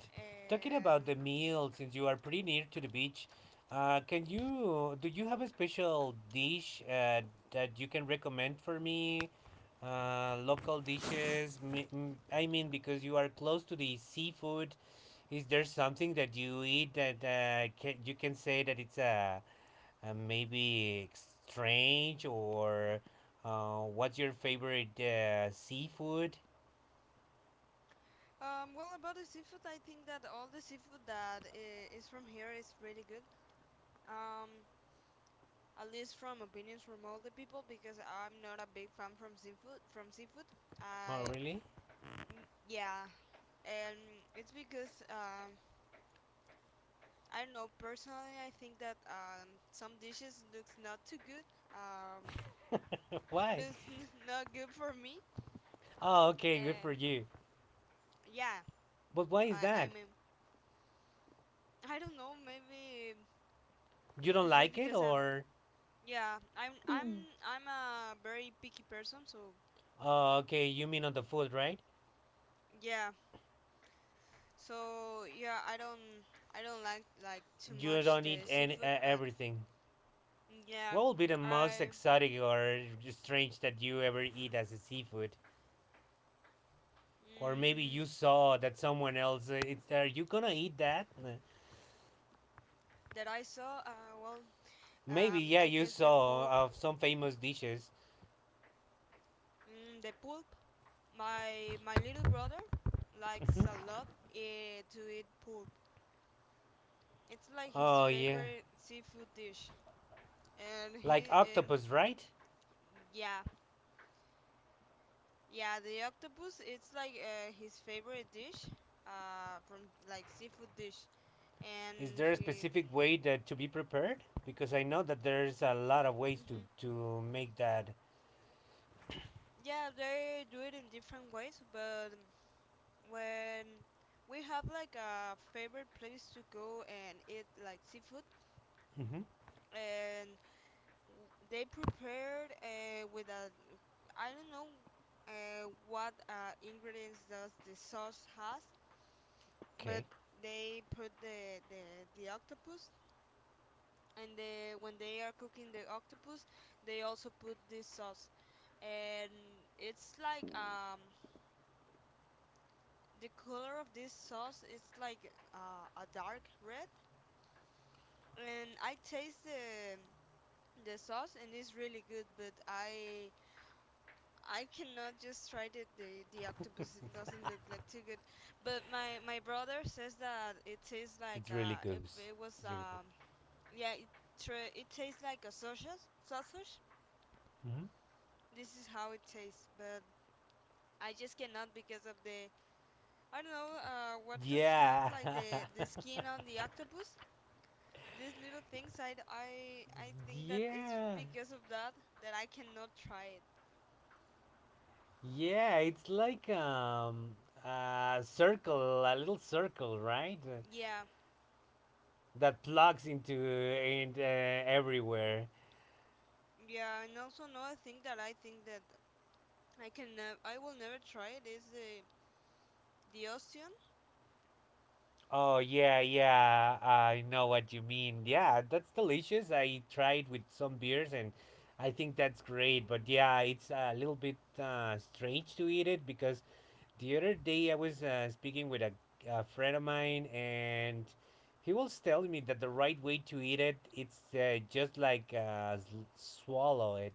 S1: Talking
S2: And
S1: about the meal, since you are pretty near to the beach, can you, do you have a special dish that you can recommend for me? Local dishes. I mean, because you are close to the seafood, is there something that you eat that can, you can say that it's a, maybe strange, or what's your favorite seafood?
S2: well, about the seafood, I think that all the seafood that is from here is really good. Um, at least from opinions from all the people, because I'm not a big fan from seafood. From seafood,
S1: Oh,
S2: I
S1: really?
S2: yeah, and it's because I don't know personally. I think that some dishes looks not too good. Um,
S1: Why?
S2: That's not good for me.
S1: Oh, okay, good for
S2: Um,
S1: you.
S2: yeah,
S1: But why is
S2: I
S1: that?
S2: mean, I don't know. Maybe
S1: You don't
S2: it's just
S1: like it,
S2: because I'm.
S1: or
S2: Yeah, I'm. I'm. I'm a very picky person. So
S1: oh, okay, you mean on the food, right?
S2: yeah. So yeah, I don't. I don't like too
S1: You
S2: much
S1: don't eat
S2: the
S1: any
S2: seafood, but
S1: everything.
S2: yeah,
S1: What would be the most
S2: I.
S1: exotic or strange that you ever eat as a seafood? Or maybe
S2: Mm,
S1: you saw that someone else. It's, are you gonna eat that?
S2: that I saw. Well,
S1: Maybe yeah,
S2: I
S1: you
S2: guess the
S1: saw
S2: pulp.
S1: of some famous dishes.
S2: The pulp. My little brother likes
S1: Mhm.
S2: a lot to eat pulp. It's like his
S1: Oh yeah,
S2: favorite seafood dish, and
S1: like
S2: he and
S1: octopus, right?
S2: yeah, yeah. The octopus. It's like his favorite dish, from like seafood dish,
S1: Is
S2: and
S1: there a
S2: he.
S1: specific way that to be prepared? Because I know that there's a lot of ways
S2: Hmm,
S1: to make that.
S2: yeah, they do it in different ways, but when we have like a favorite place to go and eat like seafood,
S1: Mm-hmm.
S2: and they prepared with a I don't know what ingredients does the sauce has, but
S1: Okay,
S2: they put the octopus and the, when they are cooking the octopus, they also put this sauce, and it's like the color of this sauce is like a dark red, and I taste the sauce and it's really good, but I cannot just try it. The octopus it doesn't look like too good, but my brother says that it tastes like
S1: it's really good.
S2: if it was
S1: It's really good.
S2: yeah it it tastes like a sausage sausage.
S1: Mm-hmm.
S2: This is how it tastes, but I just cannot because of the I don't know what does have
S1: Yeah,
S2: like the skin on the octopus. These little things I d- I think that it's
S1: yeah,
S2: because of that that I cannot try it.
S1: yeah. It's like a circle, a little circle, right?
S2: Yeah.
S1: That plugs into and everywhere.
S2: Yeah, and also another thing that I think that I can I will never try it. Is the Ocean?
S1: Oh yeah, yeah. I know what you mean. Yeah, that's delicious. I tried with some beers and I think that's great. But yeah, it's a little bit strange to eat it because the other day, I was speaking with a friend of mine, and he was telling me that the right way to eat it, it's just like swallow it,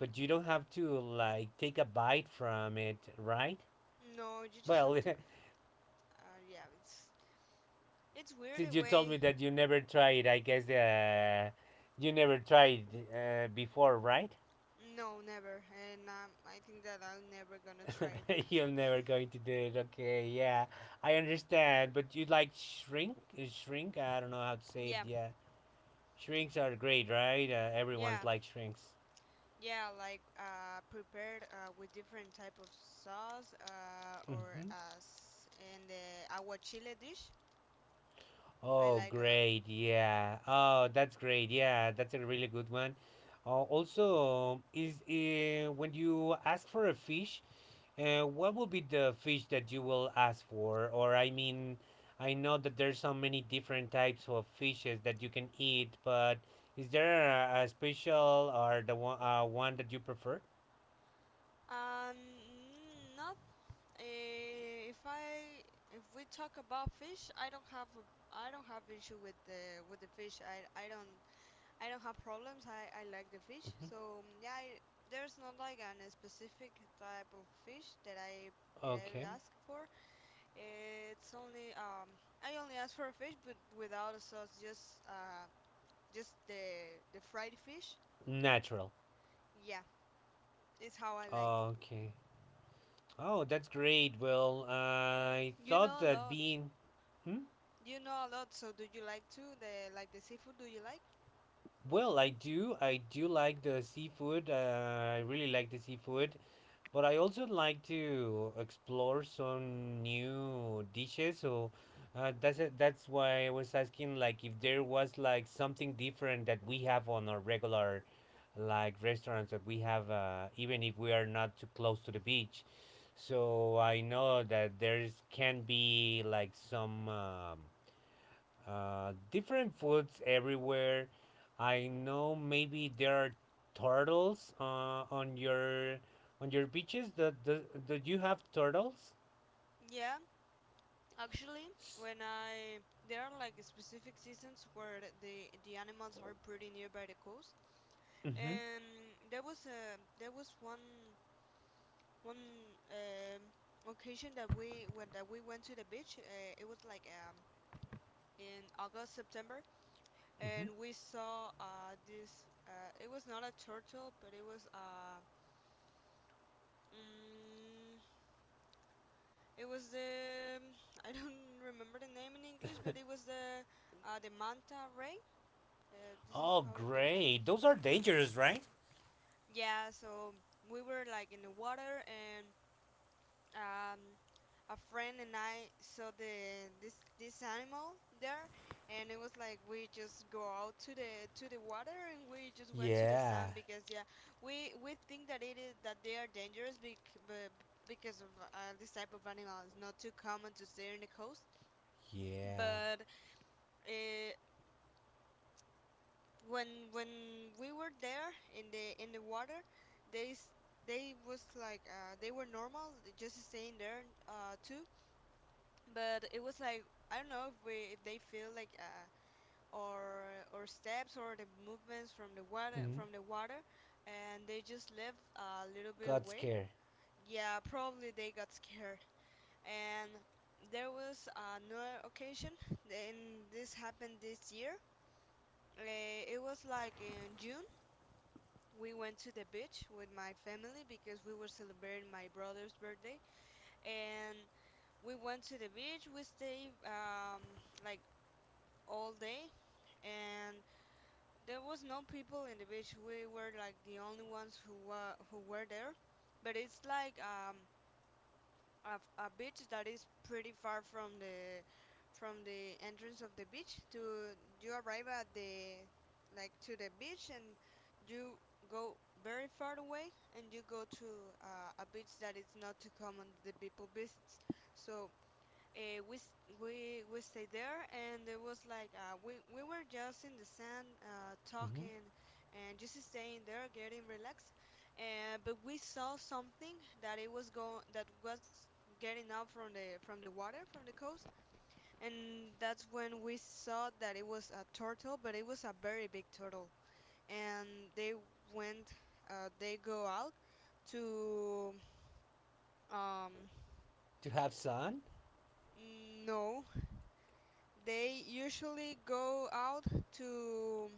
S1: but you don't have to like take a bite from it, right?
S2: No, you just have
S1: Well,
S2: to. Yeah, it's weird
S1: since
S2: the
S1: you told me
S2: way.
S1: that you never tried, I guess you never tried before, right?
S2: No, never. And I think that I'm never gonna try it.
S1: You're never going to do it. Okay, yeah, I understand, but you like shrink. I don't know how to say it.
S2: Yeah,
S1: Yeah. Shrinks are great, right?
S2: yeah,
S1: Everyone's like shrinks.
S2: yeah. Like prepared with different type of sauce or
S1: Hmm.
S2: as in the agua chile dish. I
S1: Oh,
S2: like a lot.
S1: great. Yeah. Oh, that's great. Yeah, that's a really good one. Also, is when you ask for a fish, what will be the fish that you will ask for? Or I mean, I know that there's so many different types of fishes that you can eat, but is there a special or the one one that you prefer?
S2: Not if I if we talk about fish, I don't have a, I don't have issue with the fish. I don't have problems. I like the fish.
S1: Hmm.
S2: So yeah, I, there's not like an a specific type of fish that
S1: Okay.
S2: I ask for. It's only I only ask for a fish, but without a sauce, just the fried fish.
S1: Natural.
S2: Yeah, it's how I like.
S1: Okay. Oh, that's great. Well, I
S2: You
S1: thought
S2: know a
S1: that
S2: lot.
S1: being. Hmm?
S2: You know a lot. So do you like too the like the seafood? Do you like?
S1: Well, I do. I do like the seafood. I really like the seafood. But I also like to explore some new dishes. So that's it. That's why I was asking, like, if there was like something different that we have on our regular, like, restaurants that we have, even if we are not too close to the beach. So I know that there's can be like some. Different foods everywhere. I know maybe there are turtles on your on your beaches. Do you have turtles?
S2: Yeah, actually, when I there are like specific seasons where the animals are pretty nearby the coast,
S1: Mm-hmm.
S2: and there was a there was one one occasion that we when that we went to the beach. It was like in August September,
S1: Mm-hmm.
S2: and we saw this. It was not a turtle, but um, it was the I don't remember the name in English, but it was the manta ray. This is
S1: Oh,
S2: how it looks like.
S1: great. Those are dangerous, right?
S2: Yeah, so we were like in the water, and um, a friend and I saw the this this animal there, and it was like we just go out to the water, and we just went to the
S1: Yeah,
S2: sand because yeah, we think that it is that they are dangerous but because of this type of animal is not too common to see in the coast,
S1: yeah.
S2: but uh, when we were there in the water they s- they was like they were normal they just staying there too, but it was like I don't know if they feel like, or steps or the movements from the water
S1: Mm-hmm.
S2: from the water and they just left a little bit
S1: God's
S2: away.
S1: care.
S2: Yeah, probably they got scared. And there was another occasion, and this happened this year. It was like in June. We went to the beach with my family because we were celebrating my brother's birthday, and we went to the beach. We stayed, like, all day, and there was no people in the beach. We were like the only ones who were there. But it's like, a, a beach that is pretty far from the entrance of the beach, to you arrive at the, like, to the beach, and you go very far away, and you go to a beach that is not too common that the people visits, so we s- we stayed there, and it was like we were just in the sand,
S1: Mm-hmm.
S2: talking, and just staying there, getting relaxed. And but we saw something that it was going that was getting up from the water from the coast, and that's when we saw that it was a turtle, but it was a very big turtle. And went, they go out to um
S1: To have son?
S2: no. They usually go out to,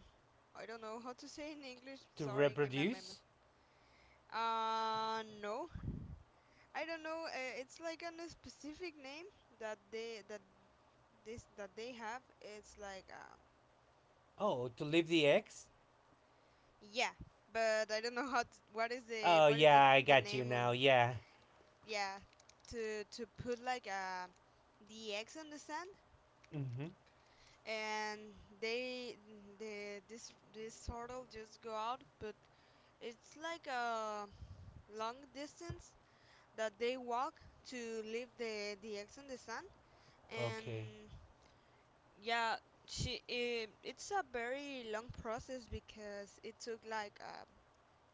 S2: I don't know how to say in English.
S1: To
S2: Sorry, give me a moment.
S1: reproduce?
S2: No, I don't know. It's like a specific name that this that they have. It's like,
S1: Oh, to leave the eggs?
S2: yeah, but I don't know how. To, what is the
S1: Oh,
S2: what is the
S1: yeah, I
S2: the
S1: got you
S2: name on,
S1: now, yeah.
S2: yeah, to put, like, the eggs in the sand,
S1: Mm-hmm.
S2: and they the this this turtle just go out, but it's like a long distance that they walk to leave the eggs in the sun,
S1: Okay.
S2: and yeah, it's a very long process because it took, like,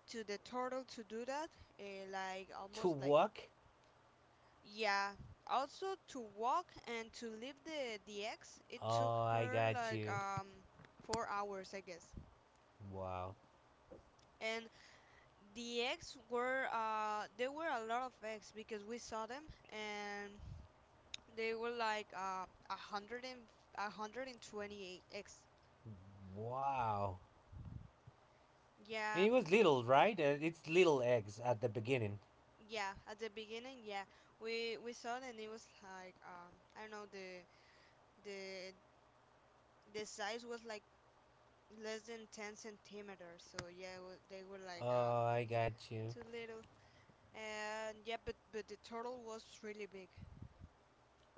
S2: to the turtle to do that, uh, like
S1: To
S2: almost like,
S1: walk?
S2: yeah, also to walk, and to leave the eggs it took
S1: Oh, I
S2: her
S1: got
S2: like,
S1: you.
S2: 4 hours, I guess.
S1: Wow.
S2: And the eggs were, there were a lot of eggs because we saw them, and they were like, 128 X.
S1: Wow. And
S2: Yeah,
S1: it was little, right? It's little eggs at the beginning.
S2: yeah. At the beginning, yeah, we saw that it was like, I don't know, the the size was like less than 10 centimeters. So yeah, they were like,
S1: Oh, I got you.
S2: too little. And yeah, but the turtle was really big.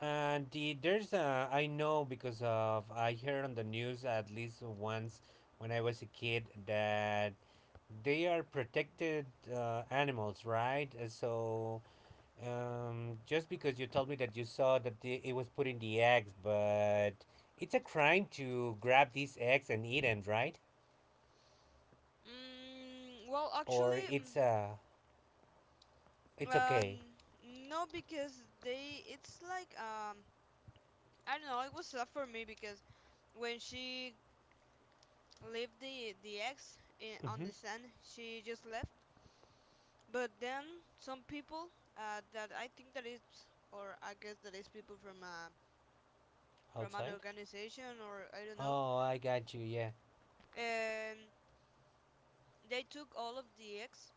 S1: And the, there's a, I know because of, I heard on the news at least once when I was a kid that they are protected animals, right? So, just because you told me that you saw that the, it was putting the eggs, but it's a crime to grab these eggs and eat them, right?
S2: Well,
S1: Or
S2: actually,
S1: it's a, it's
S2: uh,
S1: okay.
S2: n- no, because they, it's like, I don't know. It was tough for me because when she leave the eggs on
S1: Mm-hmm.
S2: the sand, she just left. But then some people, that I think that is, or I guess that is people from, from an
S1: Outside?
S2: organization, or I don't know,
S1: Oh, I got you, yeah.
S2: and they took all of the eggs.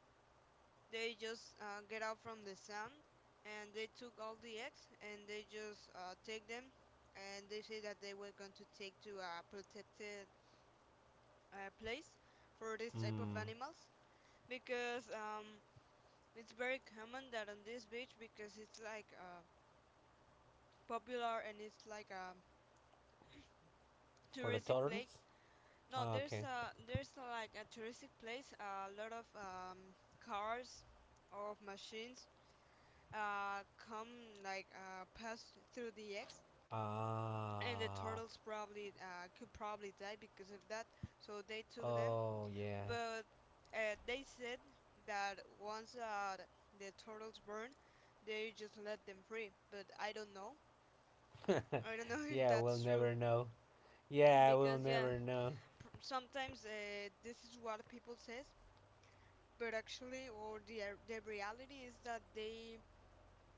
S2: They just get out from the sand, and they took all the eggs, and they just take them, and they say that they were going to take to a protected, place for this type of
S1: Mm,
S2: animals, because, it's very common that on this beach, because it's like, popular, and it's like a
S1: for the
S2: touristic place.
S1: turtles?
S2: No,
S1: Oh,
S2: there's
S1: okay.
S2: like a touristic place. A lot of, cars or machines come, like, pass through the X, and the
S1: Ah.
S2: turtles probably, could probably die because of that. So they took them,
S1: Oh, yeah.
S2: but they said that once, the turtles burn, they just let them free. But I don't know. I don't know if
S1: Yeah, we'll
S2: that's true,
S1: never know. Yeah, we'll
S2: because yeah,
S1: never know.
S2: sometimes, this is what people says, but actually, or the reality is that they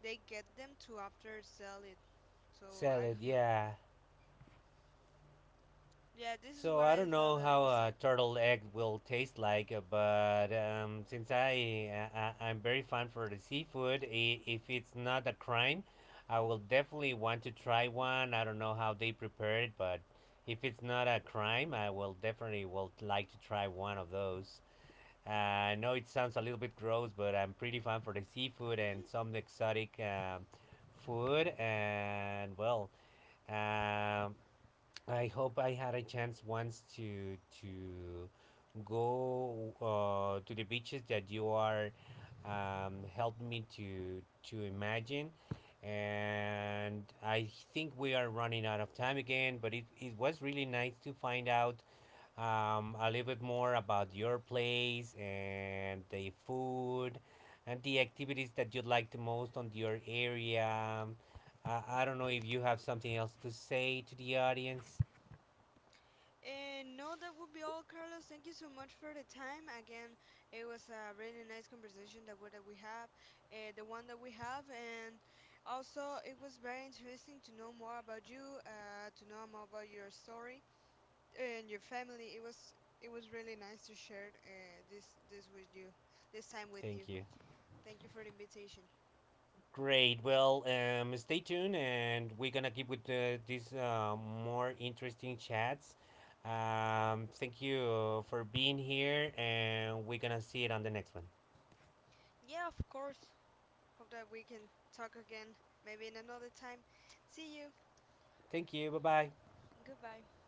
S2: they get them to after sell it. So
S1: Sell
S2: I
S1: it,
S2: don't know.
S1: yeah.
S2: Yeah, this is
S1: So
S2: what
S1: I
S2: I
S1: don't
S2: thought
S1: know
S2: that it
S1: how
S2: was sad.
S1: a turtle egg will taste like, but since I'm very fond for the seafood, if it's not a crime, I will definitely want to try one. I don't know how they prepare it, but if it's not a crime, I will definitely will like to try one of those. I know it sounds a little bit gross, but I'm pretty fond for the seafood and some exotic food, and well. Um, I hope I had a chance once to go to the beaches that you are helped me to imagine. And I think we are running out of time again, but it was really nice to find out a little bit more about your place and the food and the activities that you like the most on your area. I don't know if you have something else to say to the audience.
S2: And no, that would be all, Carlos. Thank you so much for the time. Again, it was a really nice conversation that what that we have, the one that we have, and also it was very interesting to know more about you, to know more about your story, and your family. It was really nice to share this with you, this time with you.
S1: Thank you.
S2: Thank you for the invitation.
S1: Great. Well, stay tuned, and we're gonna keep with these more interesting chats. Thank you for being here, and we're gonna see it on the next one.
S2: Yeah, of course. Hope that we can talk again, maybe in another time. See you.
S1: Thank you. Bye bye.
S2: Goodbye.